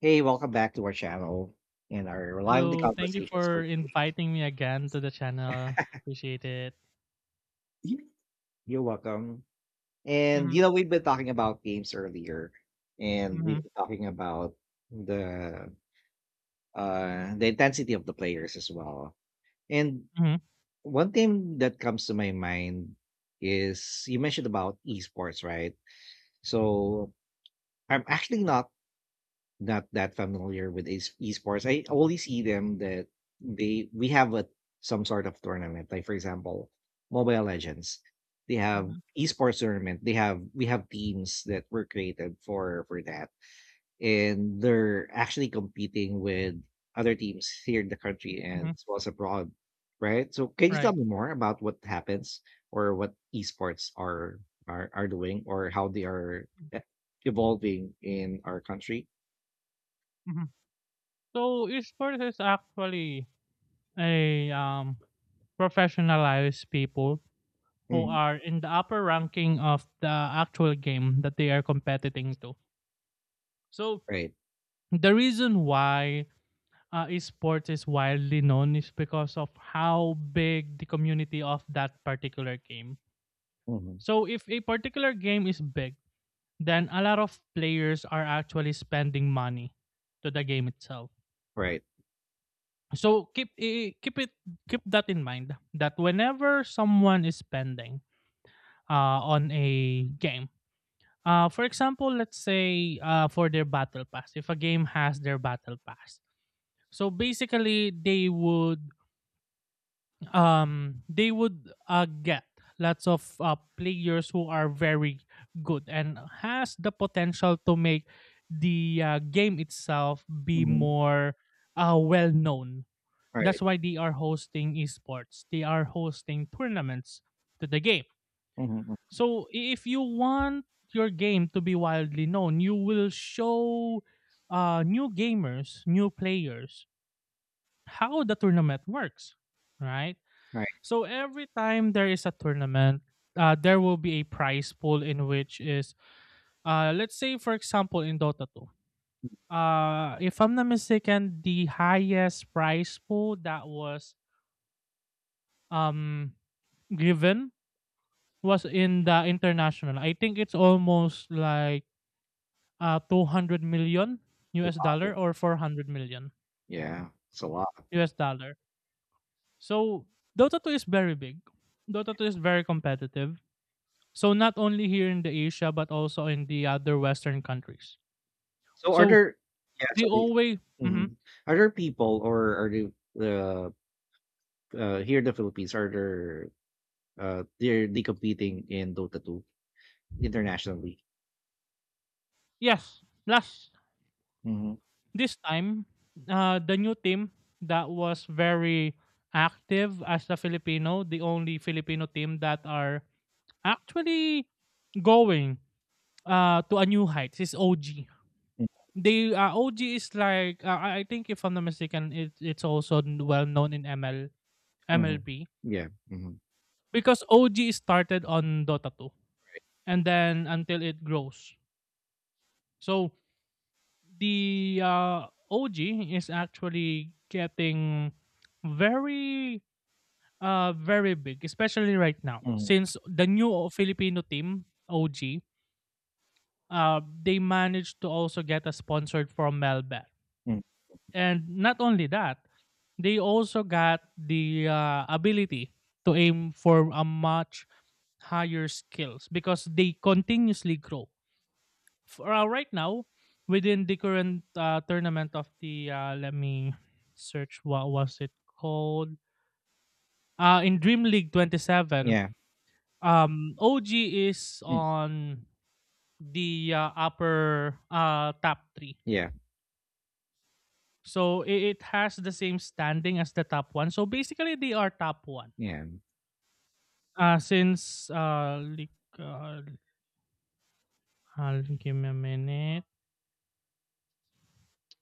Hey, welcome back to our channel and our lively Hello, thank you conversations for for today. inviting me again to the channel. Appreciate it. Yeah. You're welcome. And Mhm, you know, we've been talking about games earlier, and we've mhm, been talking about the the intensity of the players as well. And mhm, one thing that comes to my mind is you mentioned about esports, right? So I'm actually not that familiar with esports. I only see them that they we have a some sort of tournament. Like, for example, Mobile Legends. They have mhm, esports tournament. They have We have teams that were created for that, and they're actually competing with other teams here in the country and mhm, as well as abroad, right? So can you tell right. me more about what happens or what esports are are doing or how they are evolving in our country? Mhm. So esports is actually a professionalized people who Mhm. are in the upper ranking of the actual game that they are competing to. So Right. the reason why esports is widely known is because of how big the community of that particular game. Mhm. So if a particular game is big then a lot of players are actually spending money to the game itself. Right. So keep I- keep it keep that in mind that whenever someone is spending on a game, for example, let's say for their battle pass, if a game has their battle pass, so basically they would get lots of players who are very good and has the potential to make the game itself be Mhm. more well known. Right. That's why they are hosting esports, they are hosting tournaments to the game. Mhm. So if you want your game to be widely known you will show new gamers, new players how the tournament works, right? Right. So every time there is a tournament, there will be a prize pool in which is, let's say for example in Dota 2. If I'm not mistaken, the highest prize pool that was um given was in the international. I think it's almost like 200 million Oh, US wow. dollar or 400 million Yeah, it's a lot. US dollar. So Dota 2 is very big. Dota 2 is very competitive. So not only here in the Asia, but also in the other Western countries. So are So there yeah, they sorry. always. Mhm. Mhm. Are there people or are you here in the Philippines, are there, they competing in Dota 2 internationally? Yes. Plus, Mhm. this time, the new team that was very active as a Filipino, the only Filipino team that are actually going to a new heights is OG. Mm, They OG is like I think if I'm not mistaken, it's also well known in ML mhm. MLB Yeah, mhm. because OG started on Dota 2 and then until it grows. So the OG is actually getting very, very big, especially right now. Mhm. Since the new Filipino team, OG, they managed to also get a sponsored from Melbet. Mm. And not only that, they also got the ability to aim for a much higher skills because they continuously grow. For right now within the current tournament of the let me search what was it called, in Dream League 27, Yeah. OG is Mm. on the upper top three. Yeah, So it has the same standing as the top one, so basically they are top one, yeah. Since, uh like, give me a minute.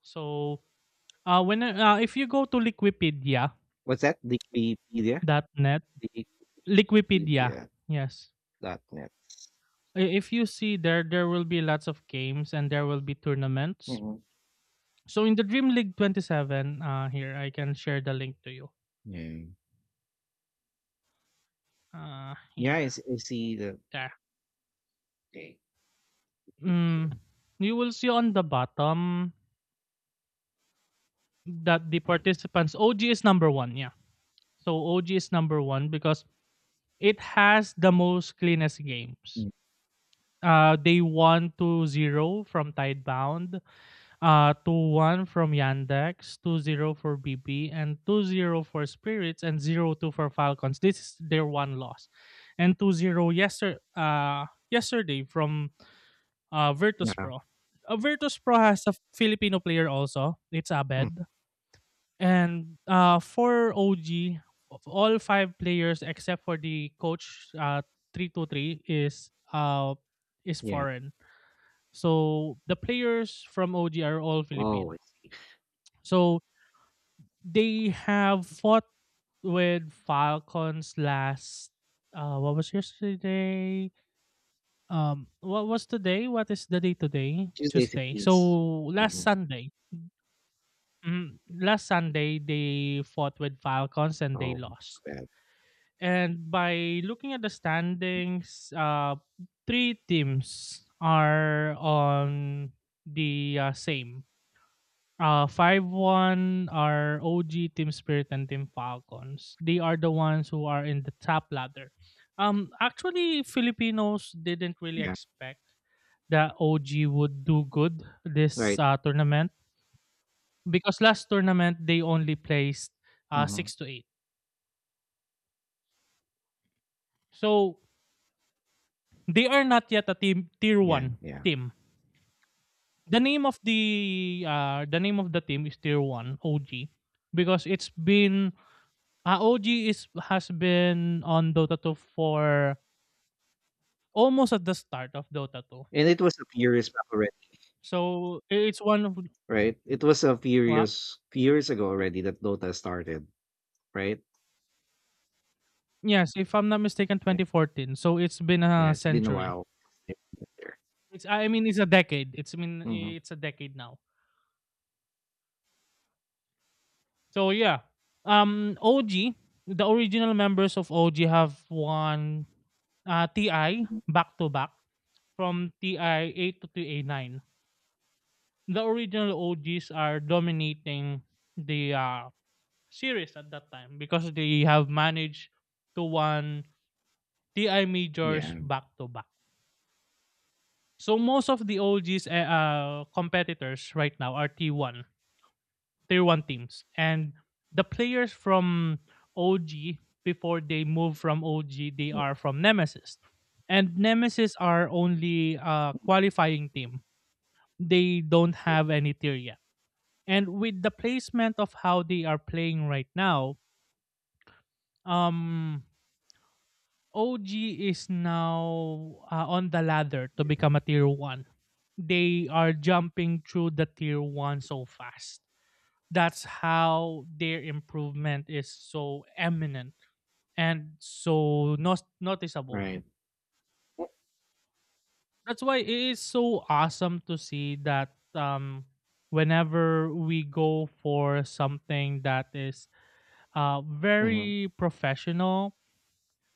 So if you go to Liquipedia What's that? Wikipedia? dot net. Liquipedia. Wikipedia Yes. dot net. If you see there, there will be lots of games and there will be tournaments. Mhm. So in the Dream League 27, here I can share the link to you. Yeah. Yeah, Here, I s- I see the there. Okay. Mm, you will see on the bottom that the participants OG is number one. Yeah. So OG is number one because it has the most cleanest games. Mm. They won 2-0 from Tidebound. 2-1 from Yandex, 2-0 0 for BB, and 2-0 for Spirits, and 0-2 for Falcons. This is their one loss. And 2-0 0 yesterday from Virtus Yeah. Pro. Virtus Pro has a Filipino player also. It's Hmm, Abed. And for OG, of all five players except for the coach, 323 is yeah. foreign. So the players from OG are all Filipino. Oh, I see. So they have fought with Falcons last. What was yesterday? What was today? What is the day today? Tuesday Tuesday. So 16th. last Mhm. Sunday, last Sunday they fought with Falcons and they Oh, lost. bad. And by looking at the standings, three teams are on the same. 5-1 are OG, Team Spirit and Team Falcons. They are the ones who are in the top ladder. Actually, Filipinos didn't really Yeah, expect that OG would do good this right. Tournament because last tournament they only placed Mhm. 6 to 8. So they are not yet a team tier Yeah, 1 yeah. team. The name of the team is tier 1 OG because it's been. OG is has been on Dota 2 for almost at the start of Dota 2. And it was a few years back already, So I- it's one of right? It was a well, few years ago already that Dota started, right? yes, if I'm not mistaken, Yeah. 2014. So it's been Yeah, a it's been a century. while. Yep. It's, I mean, it's a decade. It's, I mean, Mhm. it's a decade now. So yeah, OG, the original members of OG have won TI Mhm. back to back from TI 8 to TI 9. The original OGs are dominating the series at that time because they have managed to won TI Yeah. majors back to back. So most of the OG's competitors right now are T1, Tier 1 teams. And the players from OG before they move from OG, they are from Nemesis. And Nemesis are only a qualifying team. They don't Okay. have any tier yet. And with the placement of how they are playing right now, um OG is now on the ladder to become a tier 1. They are jumping through the tier 1 so fast. That's how their improvement is so eminent and so noticeable. Right. That's why it is so awesome to see that whenever we go for something that is Mhm. very professional,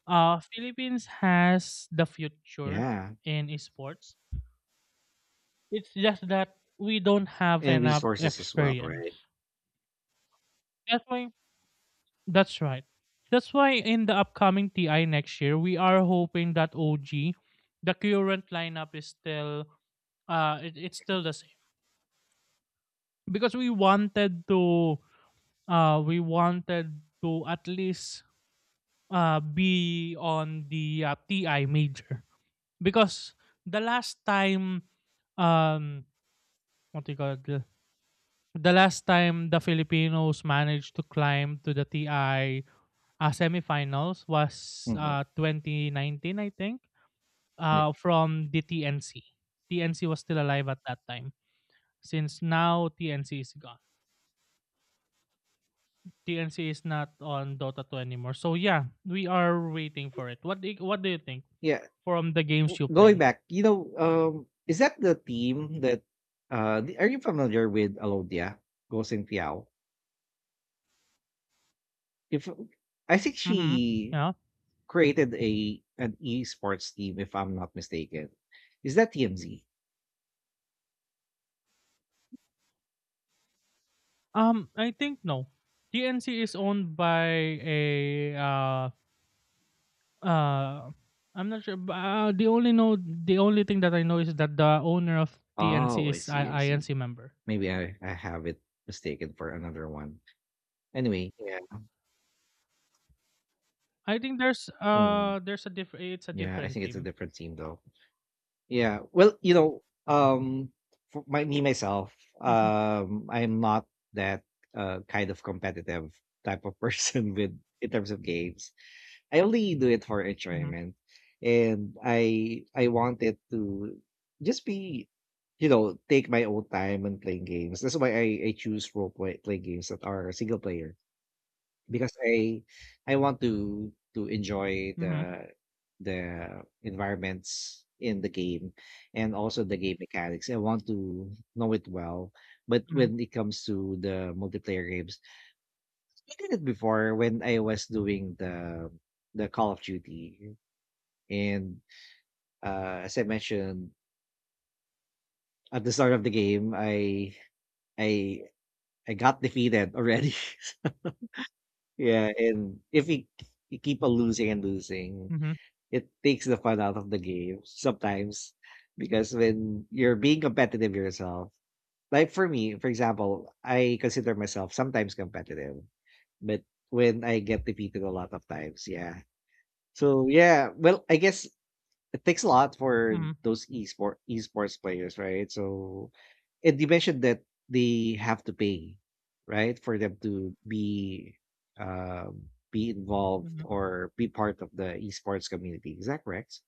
Philippines has the future Yeah. in esports. It's just that we don't have And enough resources as well, experience. right? That's why that's right. That's why in the upcoming TI next year, we are hoping that OG, the current lineup is still it's still the same. Because we wanted to, at least be on the TI major. Because the last time, um what do you call it? The last time the Filipinos managed to climb to the TI semifinals was Mhm. 2019, I think, from the TNC. TNC was still alive at that time. Since now TNC is gone, TNC is not on Dota 2 anymore. So yeah, we are waiting for it. What do you think Yeah, from the games you Going play? back, you know, is that the team that are you familiar with Alodia Gosen Piao? If I think Mm-hmm. she Yeah. created a an esports team, if I'm not mistaken. Is that TMZ? I think no. TNC is owned by a Uh, I'm not sure. But, the only thing that I know is that the owner of TNC Oh, I is see, I see. INC member. Maybe I have it mistaken for another one. Anyway, yeah. I think mm, there's a different it's a yeah, I different think it's a team. different team though. Yeah. Well, you know, for my, me myself, Mhm, I'm not that kind of competitive type of person with in terms of games. I only do it for mhm, enjoyment, and I wanted to just be, you know, take my own time and playing games. That's why I choose role play play games that are single player because I want to enjoy mhm, the environments in the game and also the game mechanics. I want to know it well. But mhm, when it comes to the multiplayer games, I did it before when I was doing the Call of Duty. And as I mentioned at the start of the game, I I got defeated already. Yeah, and if you, you keep on losing and losing, mhm, it takes the fun out of the game sometimes because when you're being competitive yourself, like for me, for example, I consider myself sometimes competitive, but when I get defeated a lot of times, yeah. So yeah, well, I guess it takes a lot for mhm, those esports players, right? So and you mentioned that they have to pay, right, for them to be involved mhm, or be part of the esports community. Is that correct?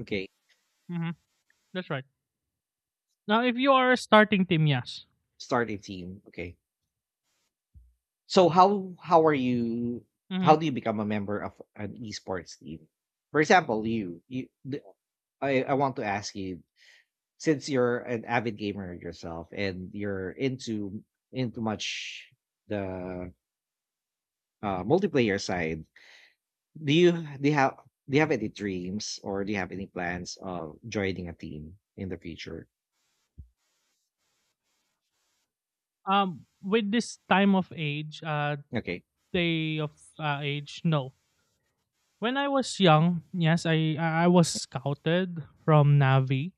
Okay. mhm. That's right. Now, if you are a starting team, yes. Start a team, okay. So how are you how hmm do you become a member of an esports team? For example, I want to ask you since you're an avid gamer yourself and you're into much the multiplayer side, do you do you have any dreams or do you have any plans of joining a team in the future? With this time of age, Okay, day of age, no. When I was young, yes, I was scouted from Navi.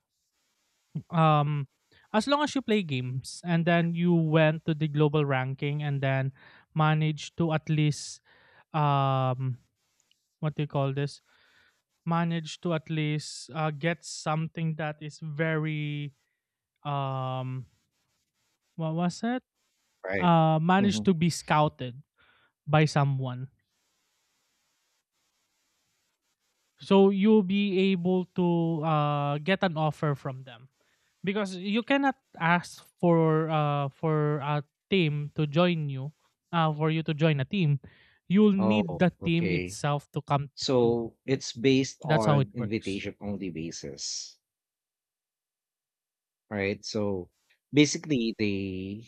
um as long as you play games and then you went to the global ranking and then managed to at least, um what do you call this, managed to at least get something that is very, um what was it, right. Hmm. managed to be scouted by someone. So you'll be able to get an offer from them because you cannot ask for a team to join you, for you to join a team. You'll need Oh, the team okay. itself to come to you. So it's based That's how it on works. invitation only basis, right? So basically they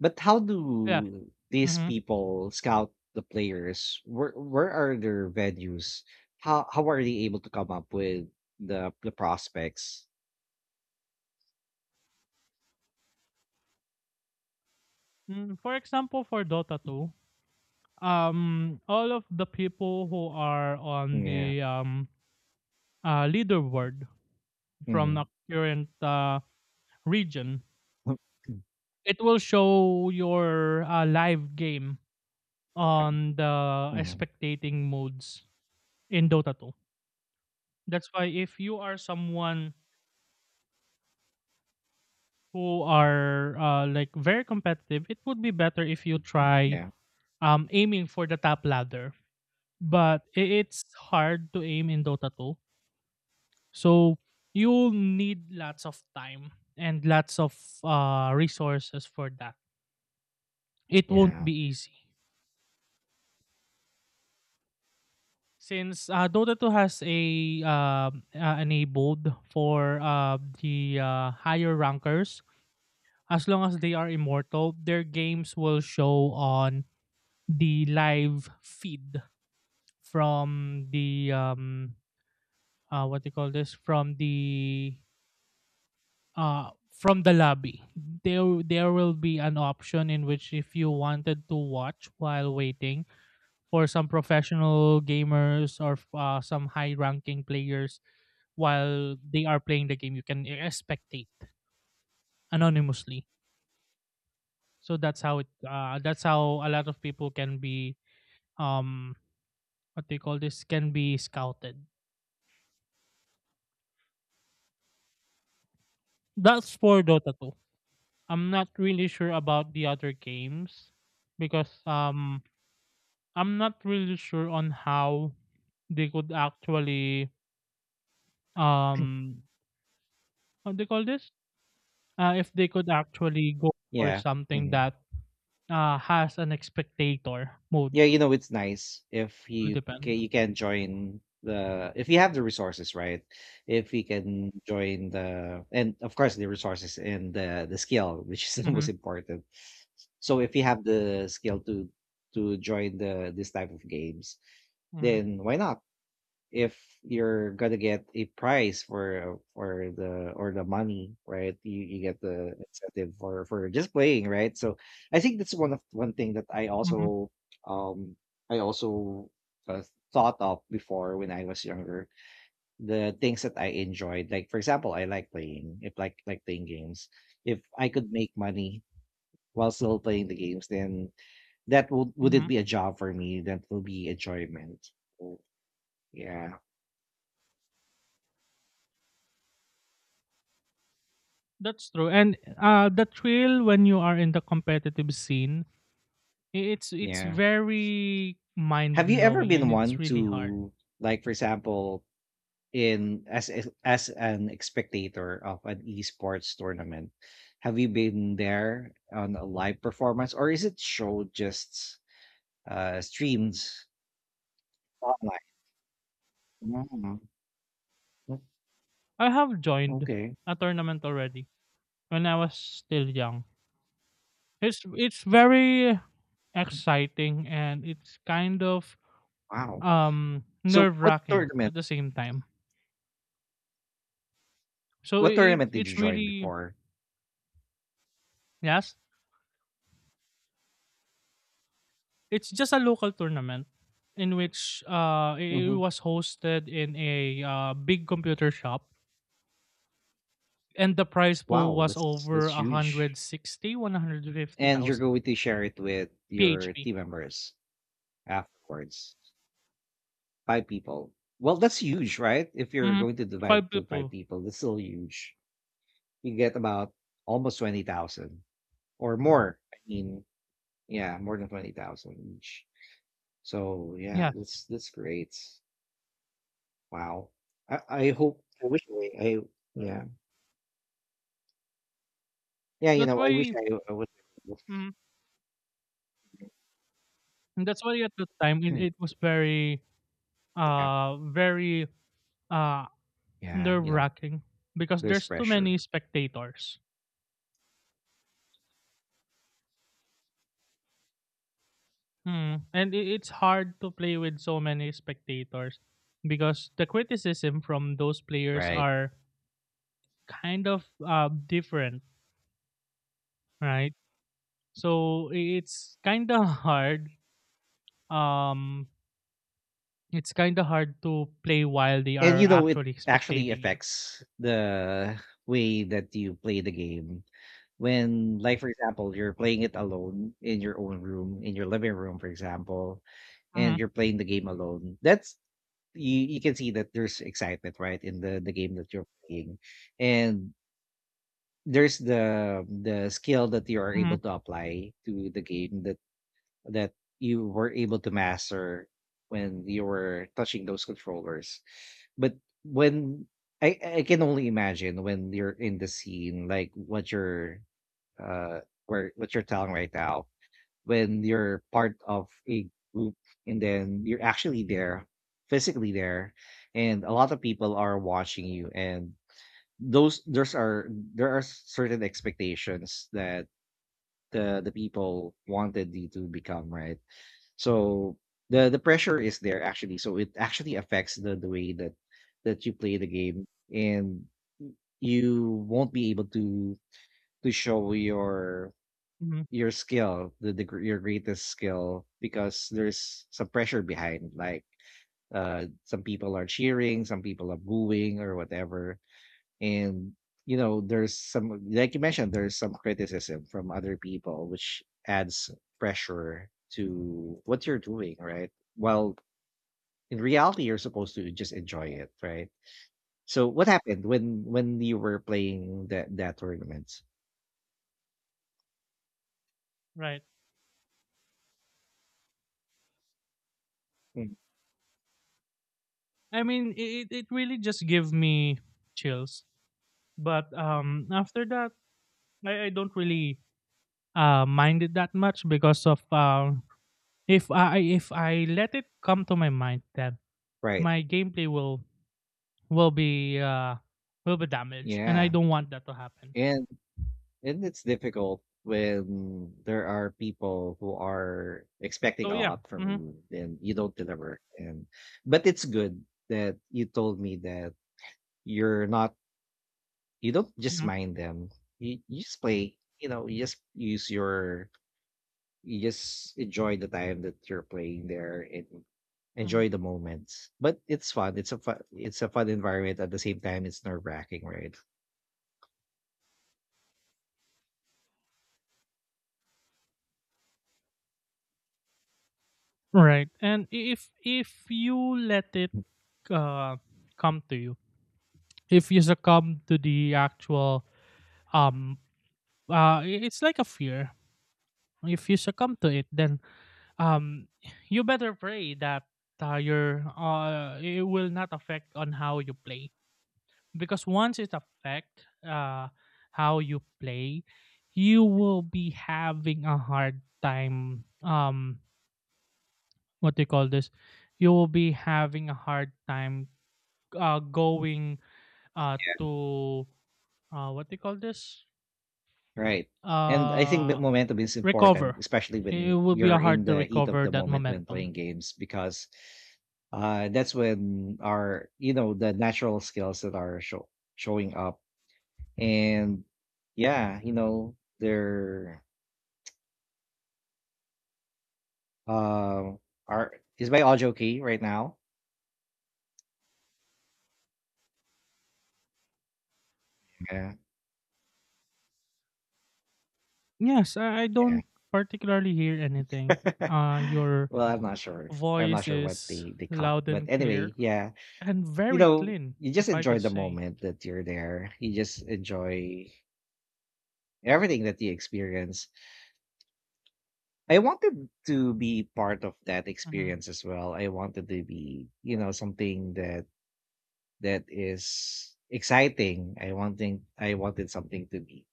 but how Yeah. do these Mm-hmm. people scout the players? Where are their venues? How are they able to come up with the prospects? For example, for Dota 2, all of the people who are on Yeah. the leaderboard from a Mm. current region, it will show your live game on the Mhm. spectating modes in Dota 2. That's why if you are someone who are like very competitive, it would be better if you try, Yeah. Aiming for the top ladder. But it's hard to aim in Dota 2. So you'll need lots of time and lots of resources for that. It won't Yeah. be easy. Since Dota 2 has a, enabled for the higher rankers, as long as they are immortal, their games will show on the live feed from the, what do you call this, from the uh, lobby. There will be an option in which if you wanted to watch while waiting for some professional gamers or some high ranking players while they are playing the game you can spectate anonymously. So that's how a lot of people can be, um what do you call this, can be scouted. That's for Dota 2. I'm not really sure about the other games because, I'm not really sure on how they could actually, um what do you call this, if they could actually go for Yeah. something Hmm. that has an expectator mode, Yeah, you know, it's nice if will depend. you can join the if you have the resources, right? If you can join the and of course the resources and the skill, which is the Mm-hmm. most important. So if you have the skill to join the this type of games, Mm-hmm. then why not? If you're gonna get a prize for the money, right? You get the incentive for just playing, right? So I think that's one thing that Mm-hmm. Um I also uh, thought of before when I was younger. The things that I enjoyed, like, for example, I like playing. If like playing games, if I could make money while still playing the games, then that would it hmm be a job for me? That will be enjoyment. So, yeah, That's true. And the thrill when you are in the competitive scene, it's yeah. very Have you ever mind-blowing been and it's one really hard. to, like, for example, in as an spectator of an esports tournament, have you been there on a live performance or is it show just streams online? Mm, o- I have joined okay. a tournament already when I was still young. It's very exciting, and it's kind of Wow. So nerve-wracking at the same time. So I- what tournament did it's you join really before? yes. It's just a local tournament in which it Hmm. was hosted in a big computer shop, and the prize pool Wow, was over that's huge. 160, And you're 150,000 going to share it with your PHP. team members afterwards. 5 people. Well, that's huge, right? If you're Mhm. going to divide it Five to 5 people. people, that's still huge. You get about almost 20,000 or more. I mean, yeah, more than 20,000 each. So, yeah, Yes, that's great. Wow. I hope I wish I Yeah. Yeah, you that's know, I wish why. I was. mm, That's why at the time it, Hmm. it was very, Yeah. Very uh Yeah, nerve you know, wracking because there's there's too pressure, many spectators. Hmm. And it's hard to play with so many spectators because the criticism from those players right? are kind of different, right? So it's kind of hard. Um, it's kind of hard to play while they And are you know, it actually actually spectating you. affects the way that you play the game when, like, for example, you're playing it alone in your own room in your living room for example, Hmm. and you're playing the game alone, that's you, you can see that there's excitement right in the game that you're playing, and there's the skill that you are Hmm. able to apply to the game that you were able to master when you were touching those controllers. But when I can only imagine when you're in the scene, like what you're uh where what you're telling right now, when you're part of a group and then you're actually there, physically there, and a lot of people are watching you, and those there's are there are certain expectations that the people wanted you to become, right? So the pressure is there actually, so it actually affects the way that you play the game, and you won't be able to show Hmm. your skill, your greatest skill, because there's some pressure behind. Like, some people are cheering, some people are booing, or whatever. And, you know, there's some, like you mentioned, there's some criticism from other people, which adds pressure to what you're doing, right? While in reality, you're supposed to just enjoy it, right? So what happened when you were playing that tournament? Right. Mm. I mean, it it really just give me chills. But after that, I don't really mind it that much because of if I let it come to my mind that Right. my gameplay will will be uh will be damaged, and I Yeah. don't want that to happen. And And it's difficult when there are people who are expecting So a yeah. lot from Hmm. you and you don't deliver. And but it's good that you told me that you're not you don't just Hmm. mind them. You just play, you know, you just use your you just enjoy the time that you're playing there and Hmm. enjoy the moments. But it's fun. It's a fun it's a fun environment at the same time it's nerve wracking, right? Right. And if you let it uh come to you, if you succumb to the actual um it's like a fear. If you succumb to it, then um you better pray that your it will not affect on how you play, because once it affect how you play, you will be having a hard time what do you call this you will be having a hard time going to what do you call this Right. And I think that uh momentum is important, recover. especially It when will be a you're in hard to the heat of recover the that moment when momentum. playing games, because that's when our, you know, the natural skills that are showing up. And yeah, you know, they're, um, are, is my audio key right now? Yeah. Yes, I Yeah. don't particularly hear anything, uh your Well, I'm not sure. I'm not voice sure what is they caught. loud But and anyway, clear, yeah, and you very know, clean, you just if I enjoy could the say. moment that you're there. You just enjoy everything that you experience. I wanted to be part of that Hmm. experience as well. I wanted to be, you know, something that is exciting. I wanted something to be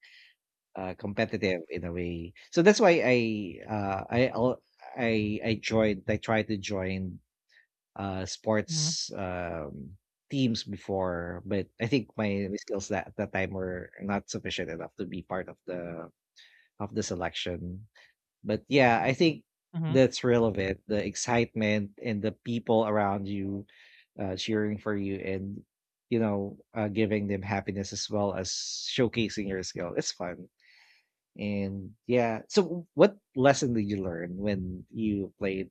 competitive in a way. So that's why I joined. I tried to join Hmm. sports teams before, but I think my skills that at that time were not sufficient enough to be part of the selection. But yeah, I think Hmm. that's relevant. The excitement and the people around you cheering for you, and you know, giving them happiness as well as showcasing your skill. It's fun. And yeah, so what lesson did you learn when you played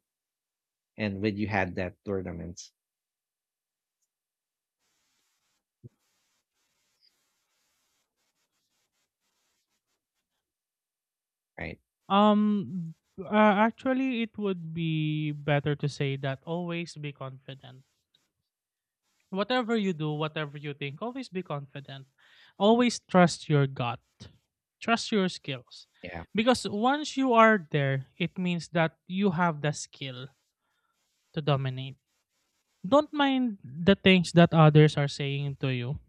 and when you had that tournament? Right. Actually, it would be better to say that always be confident. Whatever you do, whatever you think, always be confident. Always trust your gut. Trust your skills. Yeah. Because once you are there, it means that you have the skill to dominate. Don't mind the things that others are saying to you.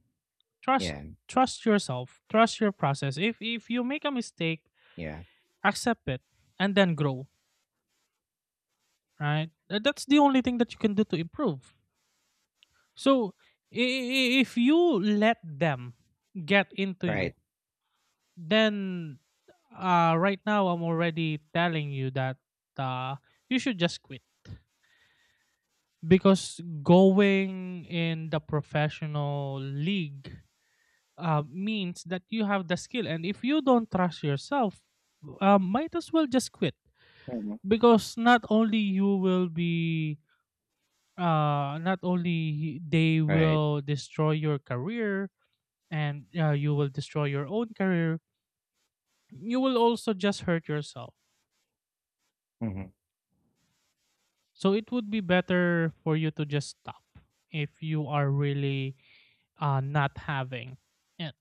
Trust Yeah. trust yourself. Trust your process. If you make a mistake, Yeah. accept it and then grow. Right. That's the only thing that you can do to improve. So if you let them get into you, Right. then right now I'm already telling you that uh you should just quit, because going in the professional league means that you have the skill, and if you don't trust yourself, might as well just quit. Mhm. Because not only you will be not only they Right. will destroy your career and you will destroy your own career, you will also just hurt yourself. Hmm. So it would be better for you to just stop if you are really not having it.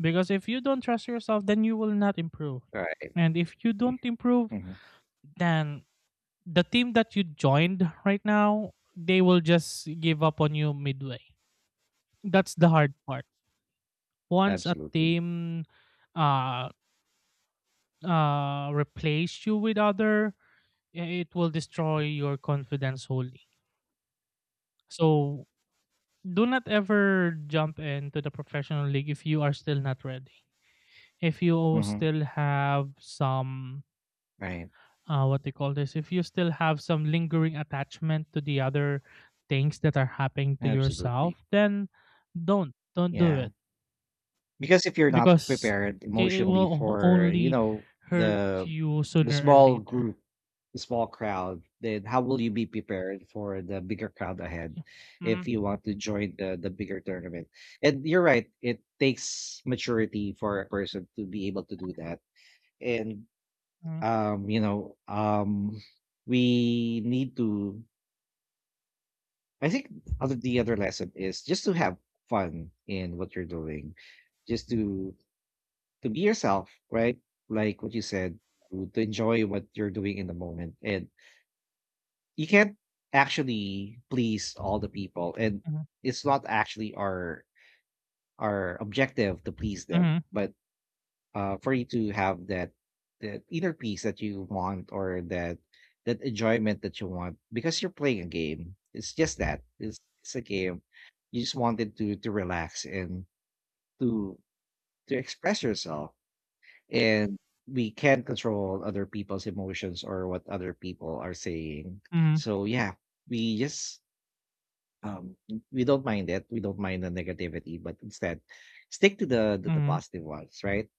Because if you don't trust yourself, then you will not improve. Right. And if you don't improve, Hmm. then the team that you joined right now, they will just give up on you midway. That's the hard part. Once a Absolutely. team uh replace you with other, it will destroy your confidence wholly. So do not ever jump into the professional league if you are still not ready, if you Hmm. still have some Right. What they call this if you still have some lingering attachment to the other things that are happening to Absolutely. yourself, then don't do Yeah. it. Because if you're not Because prepared it emotionally will for, you only know, hurt the you the sooner or small later. group, the small crowd, then how will you be prepared for the bigger crowd ahead if Hmm. you want to join the bigger tournament? And you're right, it takes maturity for a person to be able to do that. And Mm-hmm. um you know um we need to, I think, other the other lesson is just to have fun in what you're doing, just to be yourself, right? Like what you said, to enjoy what you're doing in the moment. And you can't actually please all the people. And Mm-hmm. it's not actually our objective to please them, Mm-hmm. but for you to have that that inner peace that you want, or that that enjoyment that you want because you're playing a game. It's just that it's a game. You just wanted to relax and to express yourself, and we can control other people's emotions or what other people are saying. So yeah, we just um we don't mind it, we don't mind the negativity, but instead stick to the Mm-hmm. positive ones, right?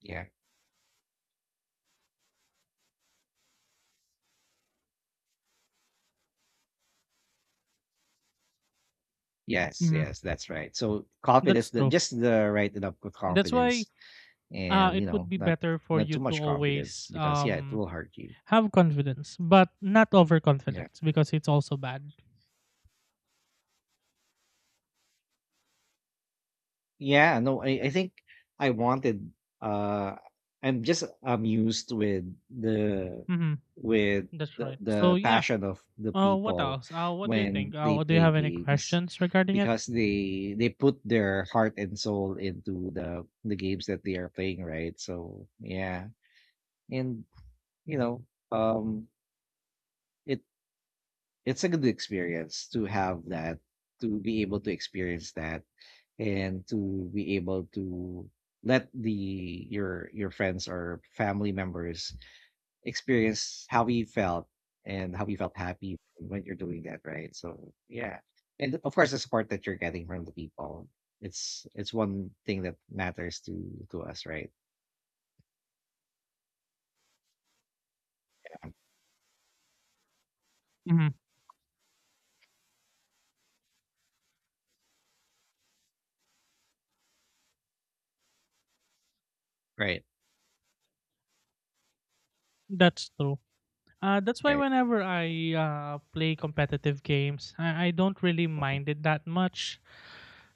Yeah, Mm-hmm. yes, that's right. So confidence, That's true. just the right enough of That's why confidence, and, it you would know, be not better for not you too to much confidence always because yeah it will hurt you. have confidence, but not Yeah. overconfidence because it's also bad. Yeah, no, I think I wanted uh I'm just amused with the Mm-hmm. with That's right. So the yeah. passion of the What people else? What do you when think? they Do you play have any games, questions regarding it? because they put their heart and soul into the games that they are playing, right? So yeah. And you know, um it it's a good experience to have that, to be able to experience that and to be able to let the your friends or family members experience how you felt and how you felt happy when you're doing that, right? So yeah, and of course the support that you're getting from the people, it's one thing that matters to us, right? Mm-hmm. Right. That's true. That's why Right. whenever I play competitive games, I don't really Mhm. mind it that much.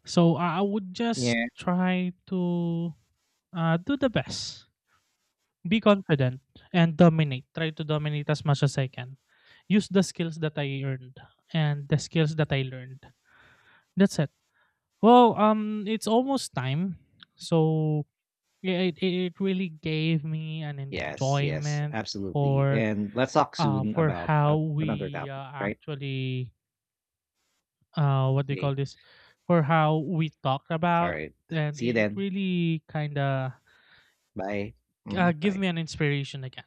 So I would just Yeah, try to do the best, be confident, and dominate. Try to dominate as much as I can. Use the skills that I earned and the skills that I learned. That's it. Well, it's almost time. So it really gave me an yes, enjoyment absolutely. for And let's talk soon for about how another we topic, right? actually what they Okay. call this for how we talk All about. right. And See you it then. really kind of Bye. Mhm. give Bye. me an inspiration again.